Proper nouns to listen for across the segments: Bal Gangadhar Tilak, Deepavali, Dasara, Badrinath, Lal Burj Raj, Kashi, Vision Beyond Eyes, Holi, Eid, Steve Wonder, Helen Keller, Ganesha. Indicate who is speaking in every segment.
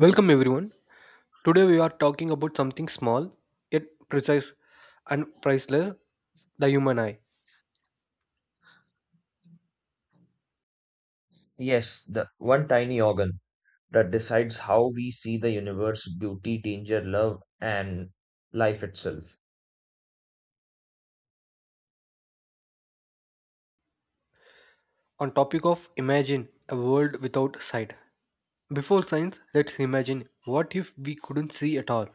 Speaker 1: Welcome everyone. Today we are talking about something small yet precise and priceless, the human eye.
Speaker 2: Yes, the one tiny organ that decides how we see the universe, beauty, danger, love, and life itself.
Speaker 1: On topic of imagine a world without sight. Before science, let's imagine what if we couldn't see at all.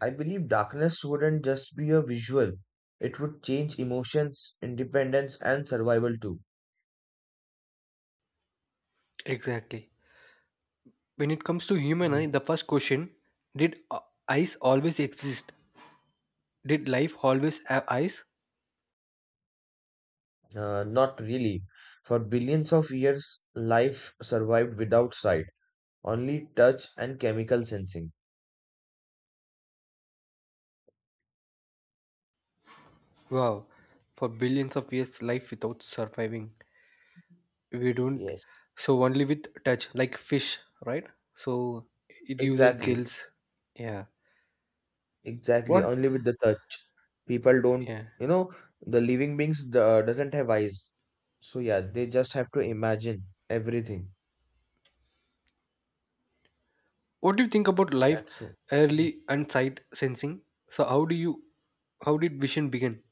Speaker 2: I believe darkness wouldn't just be a visual, it would change emotions, independence, and survival too.
Speaker 1: Exactly. When it comes to human
Speaker 2: Mhm.
Speaker 1: eye, the first question, did eyes always exist? Did life always have eyes?
Speaker 2: Not really. For billions of years, life survived without sight, only touch and chemical sensing.
Speaker 1: Wow. For billions of years life without surviving, we don't.
Speaker 2: Yes.
Speaker 1: So only with touch, like fish, right? So it uses
Speaker 2: Exactly.
Speaker 1: gills. Yeah.
Speaker 2: Exactly,
Speaker 1: What?
Speaker 2: only with the touch. People don't,
Speaker 1: Yeah.
Speaker 2: you know, the living beings doesn't have eyes. So yeah, they just have to imagine everything.
Speaker 1: What do you think about life
Speaker 2: That's so. Mhm.
Speaker 1: early and sight sensing? So how do you how did vision begin?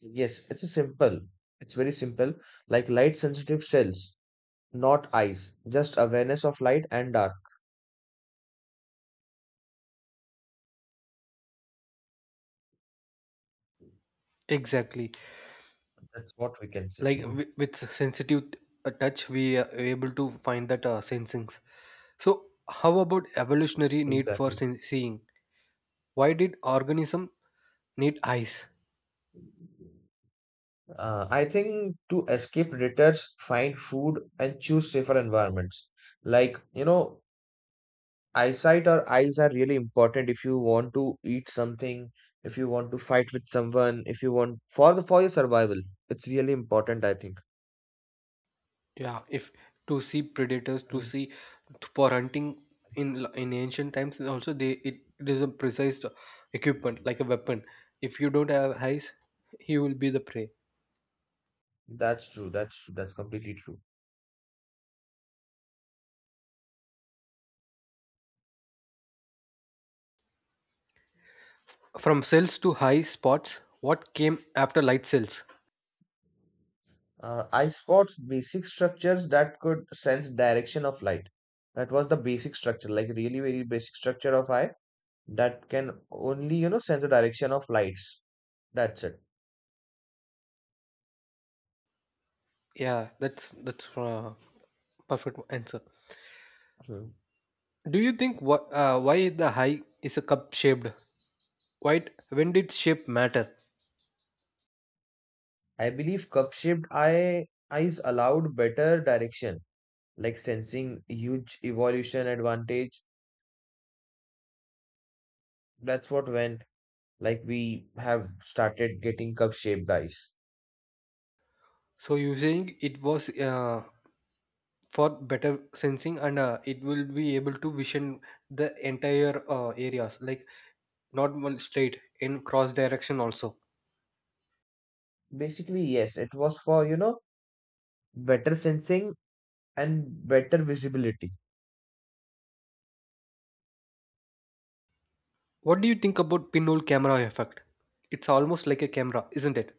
Speaker 2: Yes, it's a simple. It's very simple. Like light sensitive cells, not eyes, just awareness of light and dark.
Speaker 1: Exactly.
Speaker 2: That's what we can say.
Speaker 1: Like
Speaker 2: Mhm.
Speaker 1: with sensitive touch we are able to find that sensings. So how about evolutionary need for
Speaker 2: Exactly.
Speaker 1: seeing? Why did organism need eyes?
Speaker 2: I think to escape predators, find food and choose safer environments. Like, you know, eyesight or eyes are really important if you want to eat something, if you want to fight with someone, if you want for your survival. It's really important, I think.
Speaker 1: Yeah, if to see predators, to
Speaker 2: Mm.
Speaker 1: see for hunting in ancient times, also they it is a precise equipment like a weapon. If you don't have eyes, he will be the prey.
Speaker 2: That's true. That's true. That's completely true.
Speaker 1: From cells to high spots, what came after light cells?
Speaker 2: I spots basic structures that could sense direction of light. That was the basic structure, like really very basic structure of eye that can only, you know, sense the direction of lights. That's it.
Speaker 1: Yeah, that's perfect answer.
Speaker 2: Hmm.
Speaker 1: Do you think what why the high is a cup shaped? Why, when did shape matter?
Speaker 2: I believe cup-shaped eyes allowed better direction. Like sensing huge evolution advantage. That's what when like we have started getting cup shaped dice.
Speaker 1: So you saying it was for better sensing, and it will be able to vision the entire areas, like not one straight in cross direction also.
Speaker 2: Basically, yes, it was for you know better sensing and better visibility.
Speaker 1: What do you think about pinhole camera effect? It's almost like a camera, isn't it?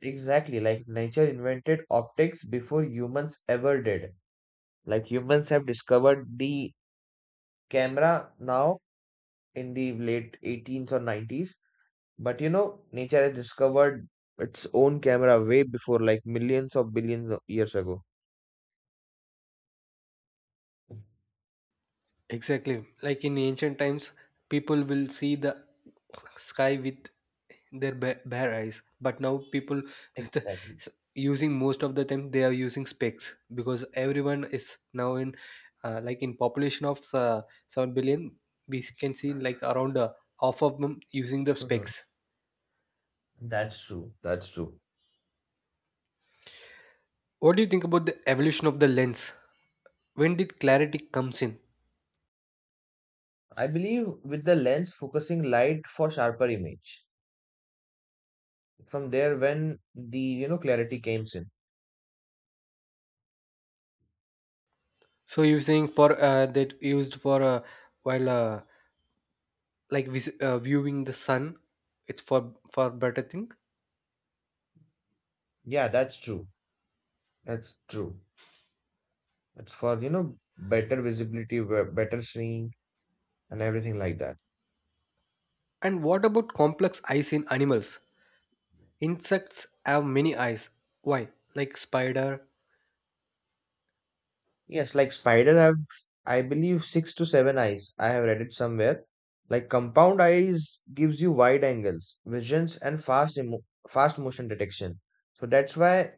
Speaker 2: Exactly, like nature invented optics before humans ever did. Like humans have discovered the camera now in the late 18s or 90s, but you know, nature has discovered its own camera way before like millions of billions of years ago.
Speaker 1: Exactly. Like in ancient times, people will see the sky with their bare eyes. But now people with
Speaker 2: Exactly.
Speaker 1: using, most of the time they are using specs, because everyone is now in like in population of 7 billion. We can see like around half of them using the
Speaker 2: Mhm.
Speaker 1: specs.
Speaker 2: That's true. That's true.
Speaker 1: What do you think about the evolution of the lens? When did clarity comes in?
Speaker 2: I believe with the lens focusing light for sharper image. From there, when the you know clarity came in.
Speaker 1: So you're saying for that used for while like viewing the sun, it's for better thing.
Speaker 2: Yeah, that's true. That's true. It's for you know better visibility, better seeing, and everything like that.
Speaker 1: And what about complex eyes in animals? Insects have many eyes, why? Like spider.
Speaker 2: Yes, like spider have I believe six to seven eyes. I have read it somewhere. Like compound eyes gives you wide angles, visions, and fast motion detection. So that's why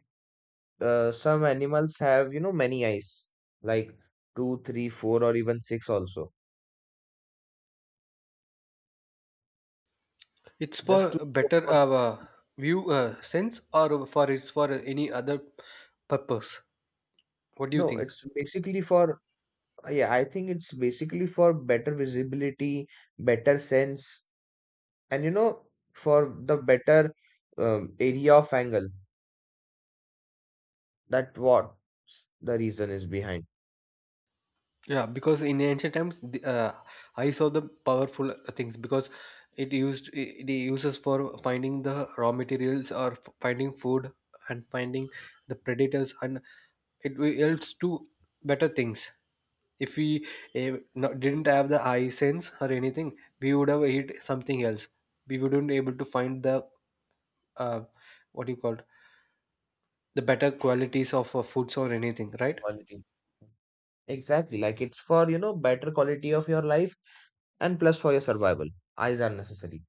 Speaker 2: some animals have, you know, many eyes, like two, three, four, or even six also.
Speaker 1: It's
Speaker 2: Just to
Speaker 1: for better
Speaker 2: for the better.
Speaker 1: view, sense, or for it's for any other purpose? What do you
Speaker 2: No,
Speaker 1: think?
Speaker 2: it's basically for yeah, I think it's basically for better visibility, better sense, and you know, for the better area of angle. That what the reason is behind
Speaker 1: Yeah, because in ancient times the eyes are the powerful things, because it uses for finding the raw materials or finding food and finding the predators, and it yields to better things. If we didn't have the eye sense or anything, we would have hit something else. We wouldn't able to find the uh, what do you call it, the better qualities of foods or anything, right?
Speaker 2: quality. Exactly, like it's for, you know, better quality of your life and plus for your survival. Eyes are necessary.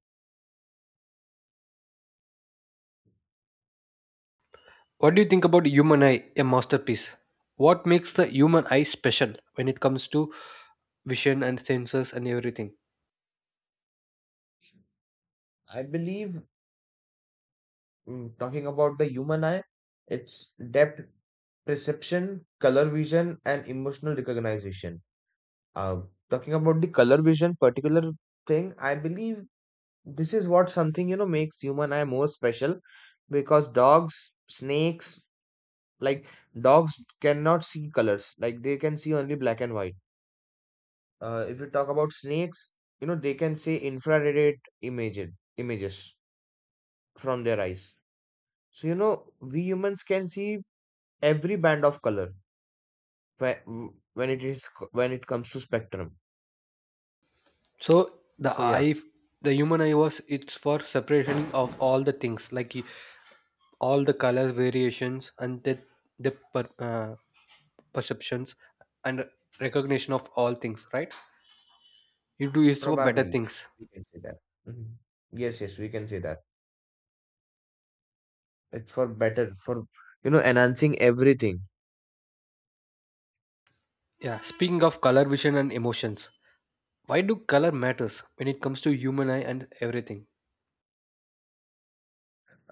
Speaker 1: What do you think about human eye, a masterpiece? What makes the human eye special when it comes to vision and senses and everything?
Speaker 2: I believe talking about the human eye, its depth perception, color vision, and emotional recognition. Uh, talking about the color vision particular thing, I believe this is what something you know makes human eye more special because dogs, snakes, like dogs cannot see colors, like they can see only black and white. If you talk about snakes, you know they can see infrared image images from their eyes. So you know we humans can see every band of color whe- when it is when it comes to spectrum.
Speaker 1: So the
Speaker 2: So yeah,
Speaker 1: eye the human eye was, it's for separation of all the things, like you, all the color variations and the perceptions and recognition of all things, right? It do is for better
Speaker 2: probably
Speaker 1: things.
Speaker 2: we can say that. Mhm. Yes, yes, we can say that. It's for better for you know enhancing everything.
Speaker 1: Yeah, speaking of color vision and emotions, why do color matters when it comes to human eye and everything?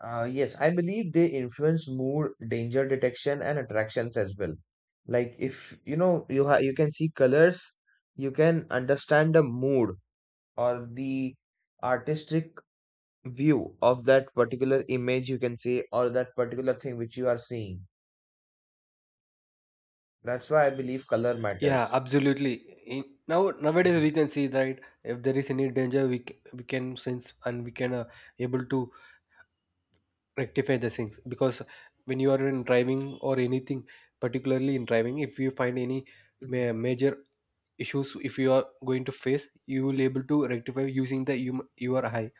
Speaker 2: Yes, I believe they influence mood, danger detection, and attractions as well. Like if you know you can see colors, you can understand the mood or the artistic view of that particular image you can say or that particular thing which you are seeing. That's why I believe color
Speaker 1: Yeah,
Speaker 2: matters.
Speaker 1: absolutely. Now nowadays we
Speaker 2: Mhm.
Speaker 1: can see, right? If there is any danger, we can sense and we can able to rectify the things, because when you are in driving or anything, particularly in driving, if you find any
Speaker 2: Mhm.
Speaker 1: major issues, if you are going to face, you will able to rectify using your eye.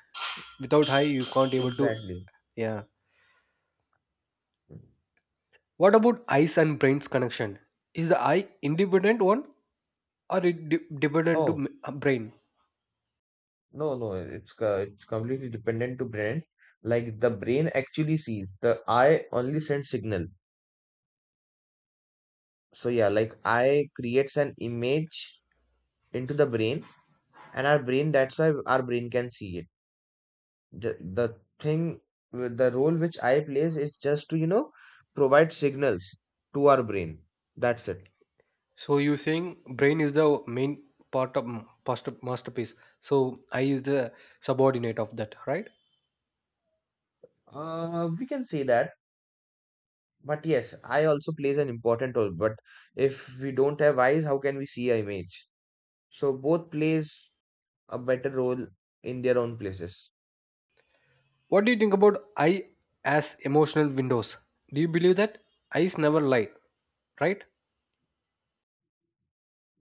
Speaker 1: Without eye you can't able to.
Speaker 2: Exactly.
Speaker 1: Yeah, what about eyes and brain's connection? Is the eye independent one, or it dependent to
Speaker 2: No,
Speaker 1: brain?
Speaker 2: no, no. It's completely dependent to brain. Like the brain actually sees, the eye only sends signal. So yeah, like eye creates an image into the brain, and our brain. That's why our brain can see it. The thing, with the role which eye plays is just to you know provide signals to our brain. That's it.
Speaker 1: So you saying brain is the main part of masterpiece, so eye is the subordinate of that, right?
Speaker 2: We can say that. But yes, eye also plays an important role. But if we don't have eyes, how can we see a image? So both plays a better role in their own places.
Speaker 1: What do you think about eye as emotional windows? Do you believe that eyes never lie, right?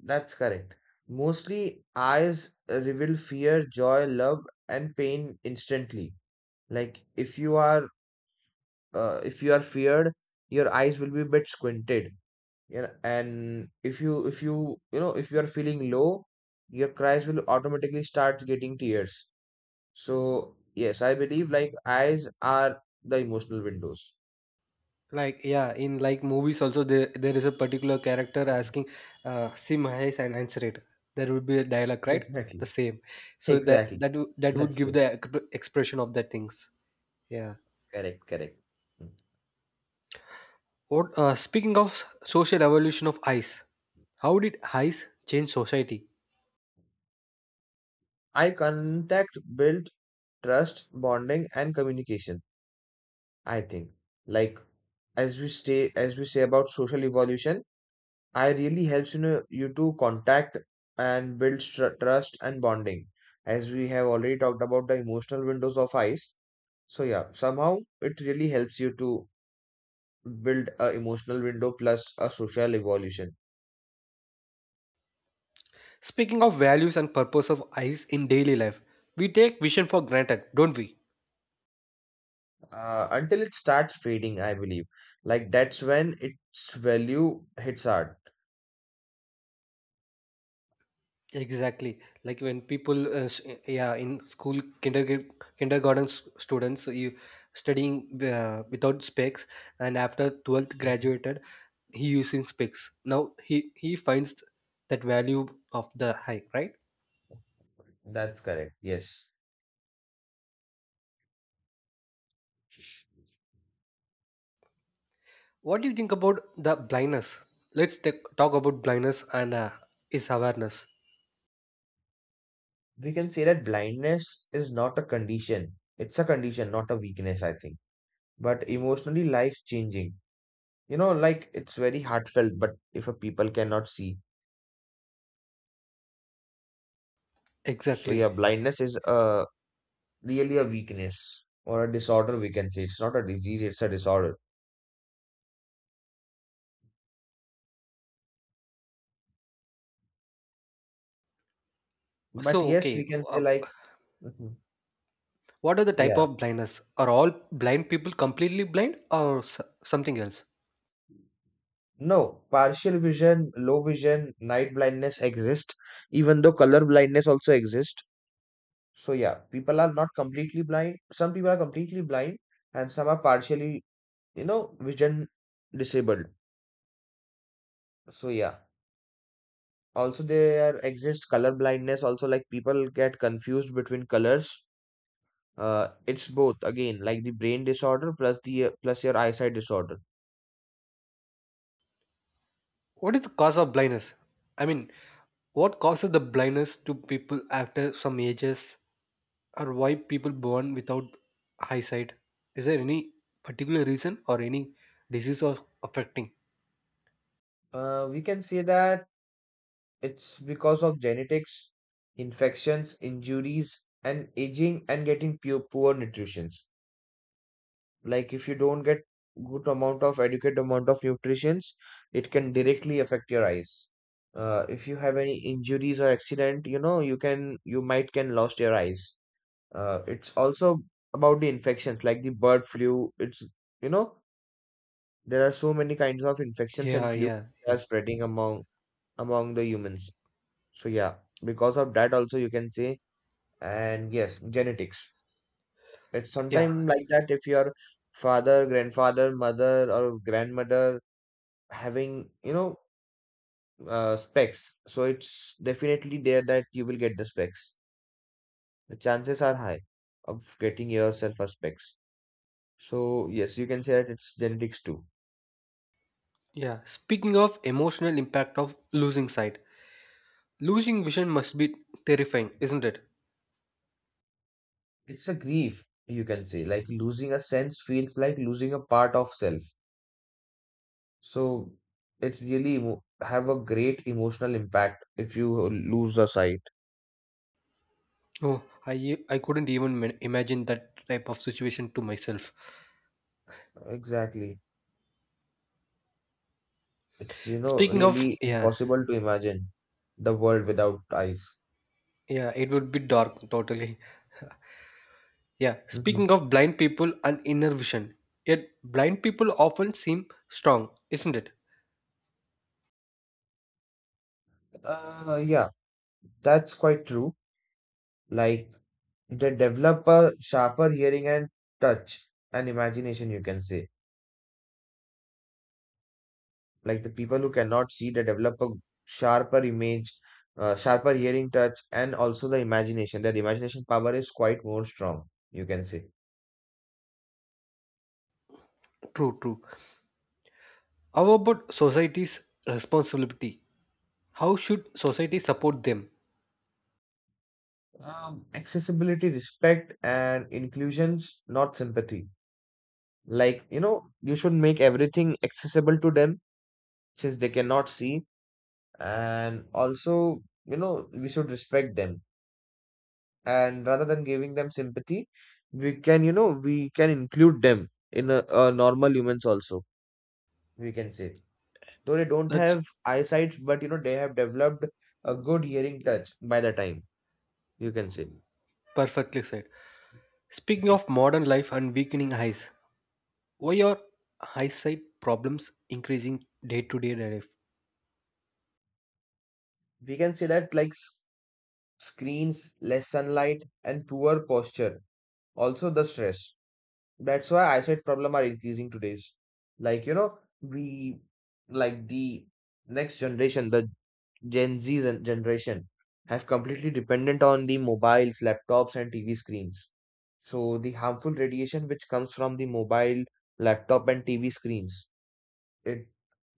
Speaker 2: That's correct. Mostly, eyes reveal fear, joy, love, and pain instantly. Like if you are feared, your eyes will be a bit squinted. Yeah, and if you, you know, if you are feeling low, your cries will automatically start getting tears. So, yes, I believe like eyes are the emotional windows.
Speaker 1: Like yeah, in like movies also there is a particular character
Speaker 2: Mhm.
Speaker 1: asking sim and answer it." There would be a dialogue, right?
Speaker 2: Exactly.
Speaker 1: The same, so
Speaker 2: Exactly.
Speaker 1: that would
Speaker 2: That's
Speaker 1: give
Speaker 2: true.
Speaker 1: the expression of that things. Yeah.
Speaker 2: Correct, correct. Mm.
Speaker 1: What speaking of social evolution of ice, how did ice change society?
Speaker 2: Eye contact build trust, bonding, and communication. I think, like as we say about social evolution, eye really helps you know you to contact and build trust and bonding. As we have already talked about the emotional windows of eyes, so yeah, somehow it really helps you to build a emotional window plus a social evolution.
Speaker 1: Speaking of values and purpose of ice in daily life, we take vision for granted, don't we?
Speaker 2: Until it starts fading, I believe, like that's when its value hits hard.
Speaker 1: Exactly. Like when yeah, in school, kindergarten students, you studying without specs, and after 12th
Speaker 2: Mhm.
Speaker 1: graduated, he using specs. Now he finds that value of the hike, right?
Speaker 2: That's correct, yes.
Speaker 1: What do you think about the blindness? Let's talk about blindness and is awareness.
Speaker 2: We can say that blindness is not a condition it's a condition, not a weakness, I think. But emotionally life's changing, you know, like it's very heartfelt but if a people cannot see, so yeah
Speaker 1: Exactly.
Speaker 2: blindness is a really a weakness or a disorder, we can say. It's not a disease, it's a disorder. But
Speaker 1: So
Speaker 2: yes,
Speaker 1: okay,
Speaker 2: we can say
Speaker 1: uh,
Speaker 2: like, Mhm.
Speaker 1: what are the type
Speaker 2: Yeah,
Speaker 1: of blindness? Are all blind people completely blind, or something else?
Speaker 2: no, partial vision, low vision, night blindness exist, even though color blindness also exist. So yeah, people are not completely blind. Some people are completely blind and some are partially, you know, vision disabled. So yeah, also there exists color blindness. Also like people get confused between colors. It's both again, like the brain disorder plus the plus your eyesight disorder.
Speaker 1: What is the cause of blindness? I mean, what causes the blindness to people after some ages, or why people born without eyesight? Is there any particular reason or any disease or affecting?
Speaker 2: We can say that it's because of genetics, infections, injuries, and aging and getting poor nutritions. Like if you don't get good amount of adequate amount of nutritions, it can directly affect your eyes. If you have any injuries or accident, you know, you might can lost your eyes. It's also about the infections like the bird flu. It's you know, there are so many kinds of infections and
Speaker 1: Yeah,
Speaker 2: flu
Speaker 1: yeah,
Speaker 2: that are
Speaker 1: yeah,
Speaker 2: spreading among the humans. So yeah, because of that also you can say, and yes, genetics. It's
Speaker 1: yeah,
Speaker 2: sometime like that if your father, grandfather, mother, or grandmother having, you know, specs. So it's definitely there that you will get the specs. The chances are high of getting yourself a specs. So yes, you can say that it's genetics too.
Speaker 1: yeah. Speaking of emotional impact of losing sight, losing vision must be terrifying, isn't it?
Speaker 2: It's a grief, you can say. Like losing a sense feels like losing a part of self. So it's really emo have a great emotional impact if you lose the sight.
Speaker 1: Oh, I couldn't even imagine that type of situation to myself.
Speaker 2: Exactly. It's, you know, really
Speaker 1: Yeah,
Speaker 2: impossible to imagine the world without eyes.
Speaker 1: yeah, it would be dark totally. Yeah,
Speaker 2: Mhm.
Speaker 1: speaking of blind people and inner vision, yet blind people often seem strong, isn't it?
Speaker 2: Yeah, that's quite true. Like they develop a sharper hearing and touch and imagination, you can say. Like the people who cannot see, they develop a sharper image, sharper hearing, touch, and also the imagination. Their imagination power is quite more strong, you can say.
Speaker 1: True, true. How about society's responsibility? How should society support them?
Speaker 2: Accessibility, respect, and inclusions, not sympathy. Like, you know, you should make everything accessible to them since they cannot see. And also, you know, we should respect them. And rather than giving them sympathy, we can, you know, we can include them in a normal humans also, we can say. Though they don't
Speaker 1: That's
Speaker 2: have eyesight, but, you know, they have developed a good hearing touch by the time, you can say.
Speaker 1: perfectly said. Speaking of modern life and weakening eyes, why are eyesight problems increasing day to day life?
Speaker 2: We can say that like screens, less sunlight, and poor posture. Also, the stress. That's why eyesight problem are increasing today's. Like you know, we like the next generation, the generation, have completely dependent on the mobiles, laptops, and TV screens. So the harmful radiation which comes from the mobile, laptop, and TV screens, it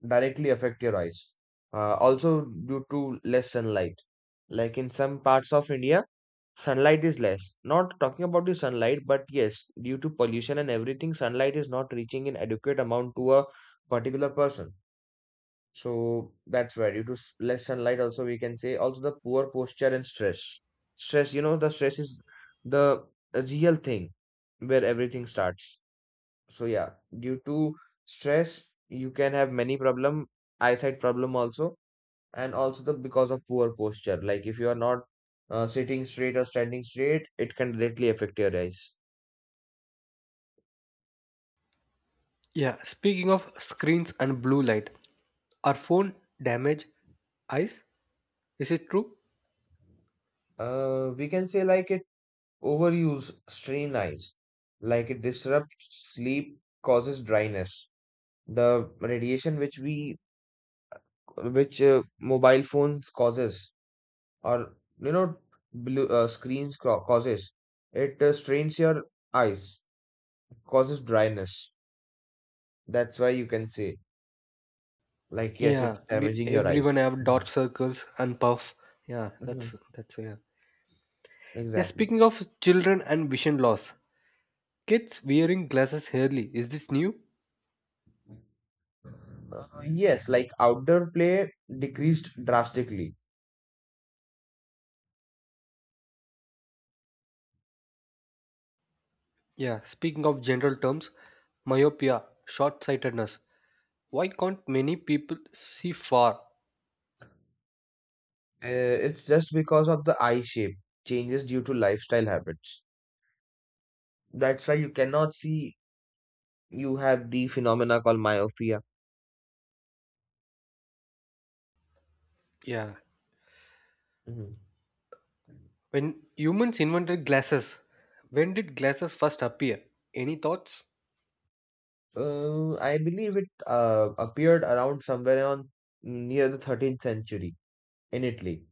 Speaker 2: directly affect your eyes. Also due to less sunlight. Like in some parts of India, sunlight is less, not talking about the sunlight but yes due to pollution and everything sunlight is not reaching in adequate amount to a particular person. So that's why due to less sunlight also we can say, also the poor posture and stress. You know the stress is the real thing where everything starts. So yeah, due to stress you can have many problem, eyesight problem also, and also the because of poor posture, like if you are not sitting straight or standing straight, it can directly affect your eyes.
Speaker 1: Yeah, speaking of screens and blue light, are phone damage eyes? Is it true?
Speaker 2: Uh, we can say like it overuse strain eyes, like it disrupts sleep, causes dryness. The radiation which we which mobile phones causes, or you know blue screens causes, it strains your eyes, causes dryness. That's why you can say like yes it's
Speaker 1: Yeah,
Speaker 2: damaging your eyes.
Speaker 1: everyone have
Speaker 2: Mhm.
Speaker 1: dot circles and puff. Yeah, that's
Speaker 2: Mhm.
Speaker 1: that's yeah. Yeah,
Speaker 2: Exactly.
Speaker 1: speaking of children and vision loss, kids wearing glasses early. Is this new?
Speaker 2: Yes, like outdoor play decreased drastically.
Speaker 1: Yeah, speaking of general terms, myopia, short-sightedness. Why can't many people see far?
Speaker 2: Uh, it's just because of the eye shape changes due to lifestyle habits. That's why you cannot see you have the phenomena called myopia.
Speaker 1: Yeah.
Speaker 2: Mhm.
Speaker 1: When humans invented glasses, when did glasses first appear? Any thoughts?
Speaker 2: I believe it appeared around somewhere on near the 13th century in Italy.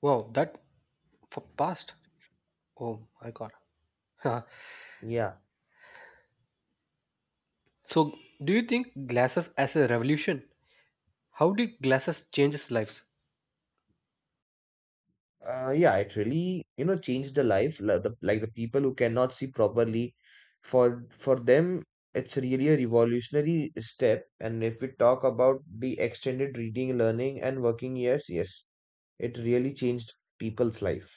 Speaker 1: Wow, that for past. Oh my god.
Speaker 2: Yeah.
Speaker 1: So, do you think glasses as a revolution? How did glasses change lives?
Speaker 2: Yeah, it really, changed the life. Like the people who cannot see properly, for them, it's really a revolutionary step. And if we talk about the extended reading, learning, and working years, yes, it really changed people's life.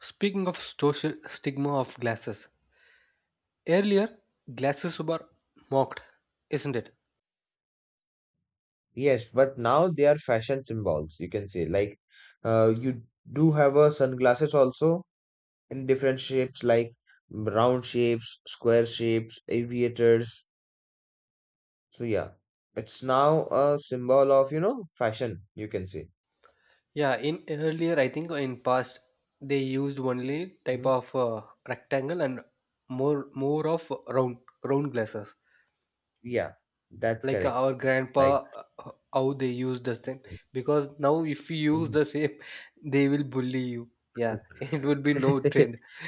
Speaker 1: Speaking of social stigma of glasses, earlier glasses were mocked, isn't it?
Speaker 2: Yes, but now they are fashion symbols, you can say. Like, you do have a sunglasses also in different shapes, like round shapes, square shapes, aviators. So yeah, it's now a symbol of, you know, fashion, you can say.
Speaker 1: Yeah, in earlier I think in past they used only type
Speaker 2: Mhm.
Speaker 1: of rectangle and more of round glasses,
Speaker 2: Yeah, that's
Speaker 1: like
Speaker 2: correct.
Speaker 1: our
Speaker 2: Like,
Speaker 1: grandpa, how they use the same. Because now if you use
Speaker 2: mhm.
Speaker 1: the same, they will bully you. Yeah, it would be no trend.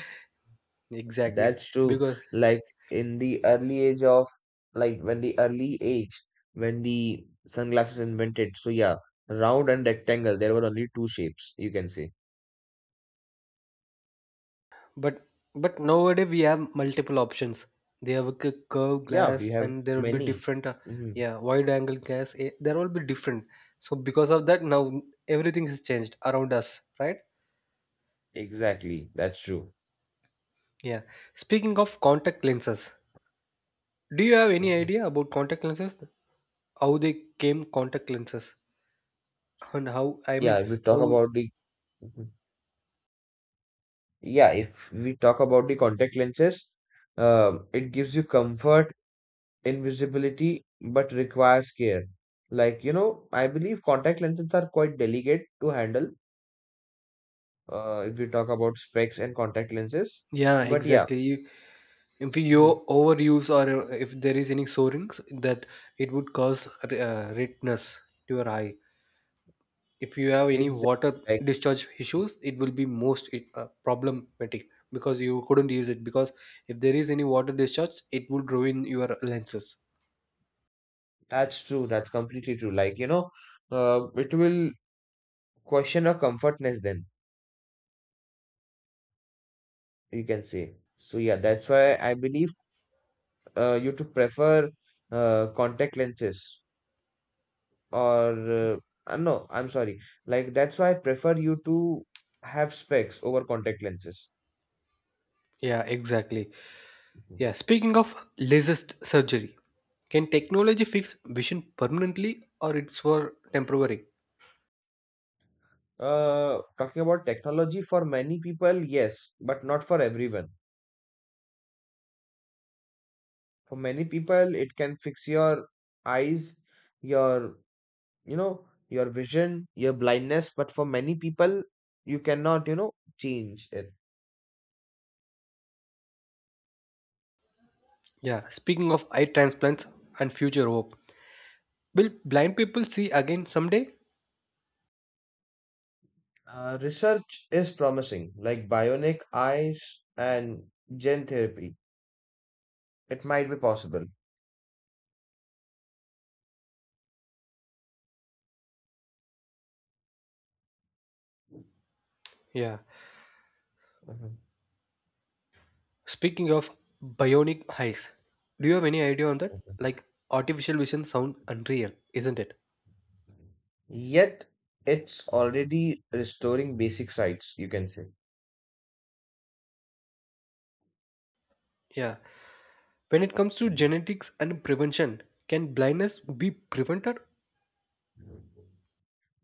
Speaker 1: Exactly.
Speaker 2: That's true.
Speaker 1: Because
Speaker 2: Like in the early age of like when the early age when the sunglasses invented, so yeah, round and rectangle, there were only two shapes, you can say.
Speaker 1: But but nowadays we have multiple options. They have a curved
Speaker 2: Yeah, we
Speaker 1: glass,
Speaker 2: have
Speaker 1: and there will be
Speaker 2: many.
Speaker 1: different. Uh,
Speaker 2: Mhm.
Speaker 1: yeah, wide angle glass. There will be different. So because of that, now everything has changed around us, right?
Speaker 2: Exactly, that's true.
Speaker 1: Yeah. Speaking of contact lenses, do you have any
Speaker 2: Mhm.
Speaker 1: idea about contact lenses? How they came contact lenses, and how, I
Speaker 2: Yeah,
Speaker 1: mean,
Speaker 2: if we talk
Speaker 1: how?
Speaker 2: about the Mhm. Yeah, if we talk about the contact lenses, it gives you comfort, invisibility, but requires care. Like, you know, I believe contact lenses are quite delicate to handle, if we talk about specs and contact lenses.
Speaker 1: Yeah,
Speaker 2: But yeah,
Speaker 1: exactly. If you
Speaker 2: mhm,
Speaker 1: overuse, or if there is any soarings, that it would cause redness to your eye. If you have any
Speaker 2: exactly.
Speaker 1: water
Speaker 2: Like,
Speaker 1: discharge issues, it will be most problematic, because you couldn't use it, because if there is any water discharge it would ruin your lenses.
Speaker 2: that's true. That's completely true. Like, you know, it will question your comfortness then, you can say. So yeah, that's why I believe you to prefer contact lenses. Or No, I'm sorry, like that's why I prefer you to have specs over contact lenses.
Speaker 1: Yeah, exactly.
Speaker 2: Mhm.
Speaker 1: Yeah, speaking of laser surgery, can technology fix vision permanently, or it's for temporary?
Speaker 2: Talking about technology, for many people yes, but not for everyone. For many people it can fix your eyes, your, you know, your vision, your blindness, but for many people you cannot, you know, change it.
Speaker 1: Yeah, speaking of eye transplants and future hope, will blind people see again someday?
Speaker 2: Research is promising, like bionic eyes and gene therapy, it might be possible.
Speaker 1: Yeah.
Speaker 2: Mhm.
Speaker 1: Speaking of bionic eyes, do you have any idea on that? Like artificial vision sound unreal, isn't it?
Speaker 2: Yet it's already restoring basic sites, you can say.
Speaker 1: Yeah. When it comes to genetics and prevention, can blindness be prevented?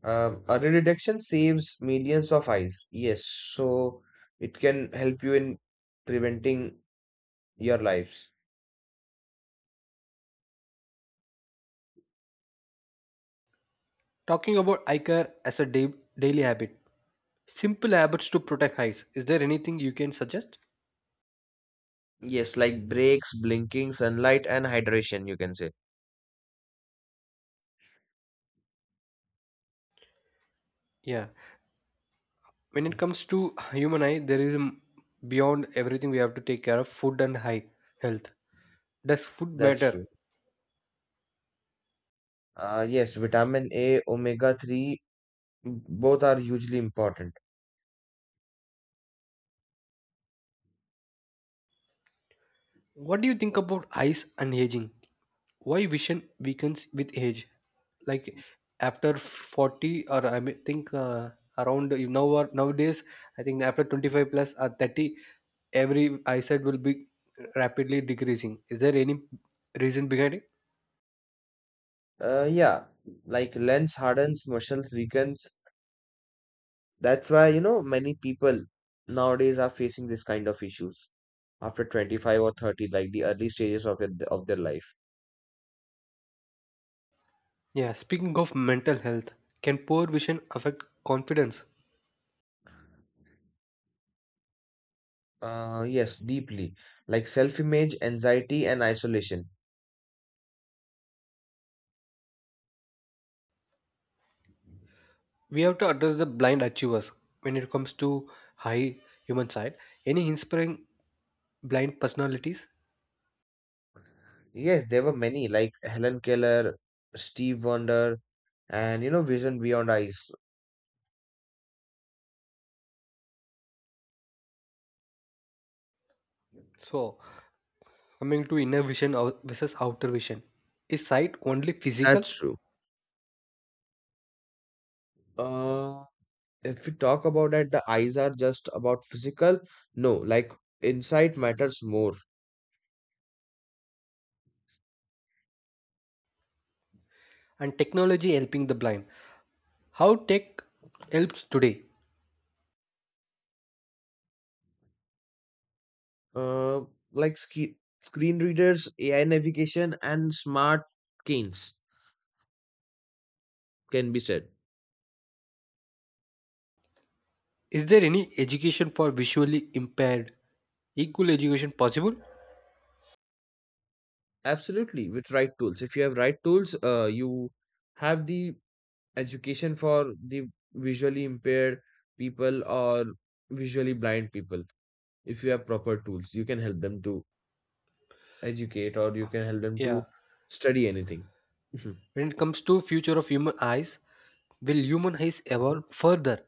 Speaker 2: Early detection saves millions of eyes. Yes, so it can help you in preventing your lives.
Speaker 1: Talking about eye care as a daily habit, simple habits to protect eyes. Is there anything you can suggest?
Speaker 2: Yes, like breaks, blinking, sunlight, and hydration, you can say.
Speaker 1: Yeah. When it
Speaker 2: Mhm.
Speaker 1: comes to human eye, there is beyond everything we have to take care of food and eye health. Does food
Speaker 2: That's
Speaker 1: matter?
Speaker 2: true. Yes, vitamin A, omega 3, both are hugely important.
Speaker 1: What do you think about eyes and aging? Why vision weakens with age? Like after 40, or I may think around, or nowadays I think after 25 plus or 30, every eyesight will be rapidly decreasing. Is there any reason behind it?
Speaker 2: Yeah, like lens hardens, muscles weakens. That's why, you know, many people nowadays are facing this kind of issues after 25 or 30, like the early stages of it, of their life.
Speaker 1: Yeah, speaking of mental health, can poor vision affect confidence?
Speaker 2: Yes, deeply. Like self-image, anxiety, and isolation.
Speaker 1: We have to address the blind achievers when it comes to high human side. Any inspiring blind personalities?
Speaker 2: Yes, there were many, like Helen Keller, Steve Wonder, and you know, Vision Beyond Eyes.
Speaker 1: So coming to inner vision versus outer vision, is sight only physical?
Speaker 2: That's true. Uh, if we talk about that, the eyes are just about physical. No, like insight matters more.
Speaker 1: And technology helping the blind. How tech helps today?
Speaker 2: uh, like screen readers, AI navigation, and smart canes can be said.
Speaker 1: Is there any education for visually impaired? Equal education possible?
Speaker 2: Absolutely, with right tools. If you have right tools, you have the education for the visually impaired people or visually blind people. If you have proper tools, you can help them to educate or you can help them to
Speaker 1: Yeah.
Speaker 2: study anything. Mhm.
Speaker 1: When it comes to future of human eyes, will human eyes
Speaker 2: Mhm.
Speaker 1: evolve further?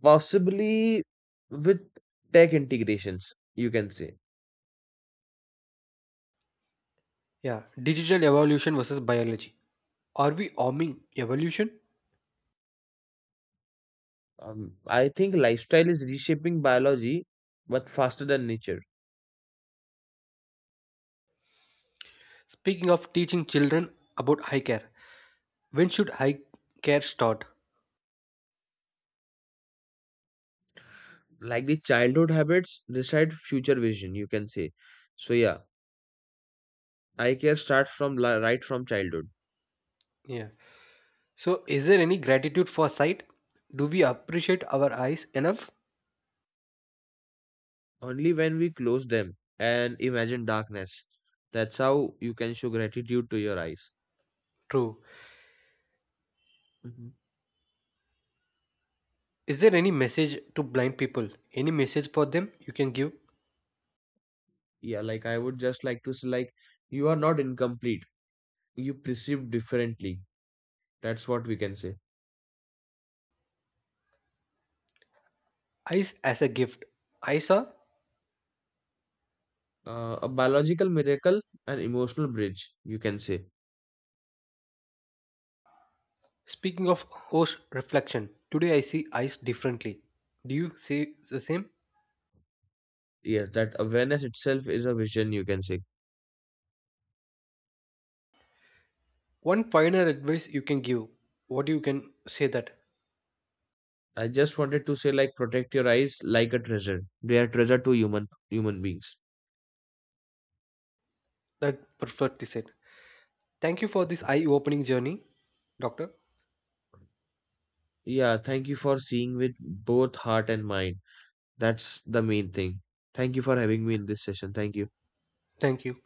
Speaker 2: Possibly with tech integrations, you can say.
Speaker 1: Yeah. Digital evolution versus biology. Are we arming evolution?
Speaker 2: I think lifestyle is reshaping biology, but faster than nature.
Speaker 1: Speaking of teaching children about eye care, when should eye care start?
Speaker 2: Like the childhood habits decide future vision, you can say. So yeah, eye care starts from right from childhood.
Speaker 1: Yeah. So, is there any gratitude for sight? Do we appreciate our eyes enough?
Speaker 2: Only when we close them and imagine darkness, that's how you can show gratitude to your eyes.
Speaker 1: True.
Speaker 2: Mhm.
Speaker 1: Is there any message to blind people? Any message for them you can give?
Speaker 2: Yeah, like I would just like to say, like you are not incomplete. You perceive differently. That's what we can say.
Speaker 1: Eyes as a gift. Eyes are
Speaker 2: A biological miracle, an emotional bridge, you can say.
Speaker 1: speaking of horse reflection. Today I see eyes differently. Do you see the same?
Speaker 2: Yes, that awareness itself is a vision, you can say.
Speaker 1: One final advice you can give. What you can say that
Speaker 2: I just wanted to say, like, protect your eyes like a treasure. They are treasure to human beings.
Speaker 1: perfectly said. Thank you for this eye-opening journey, doctor.
Speaker 2: Yeah, thank you for seeing with both heart and mind. That's the main thing. Thank you for having me in this session. Thank you.
Speaker 1: Thank you.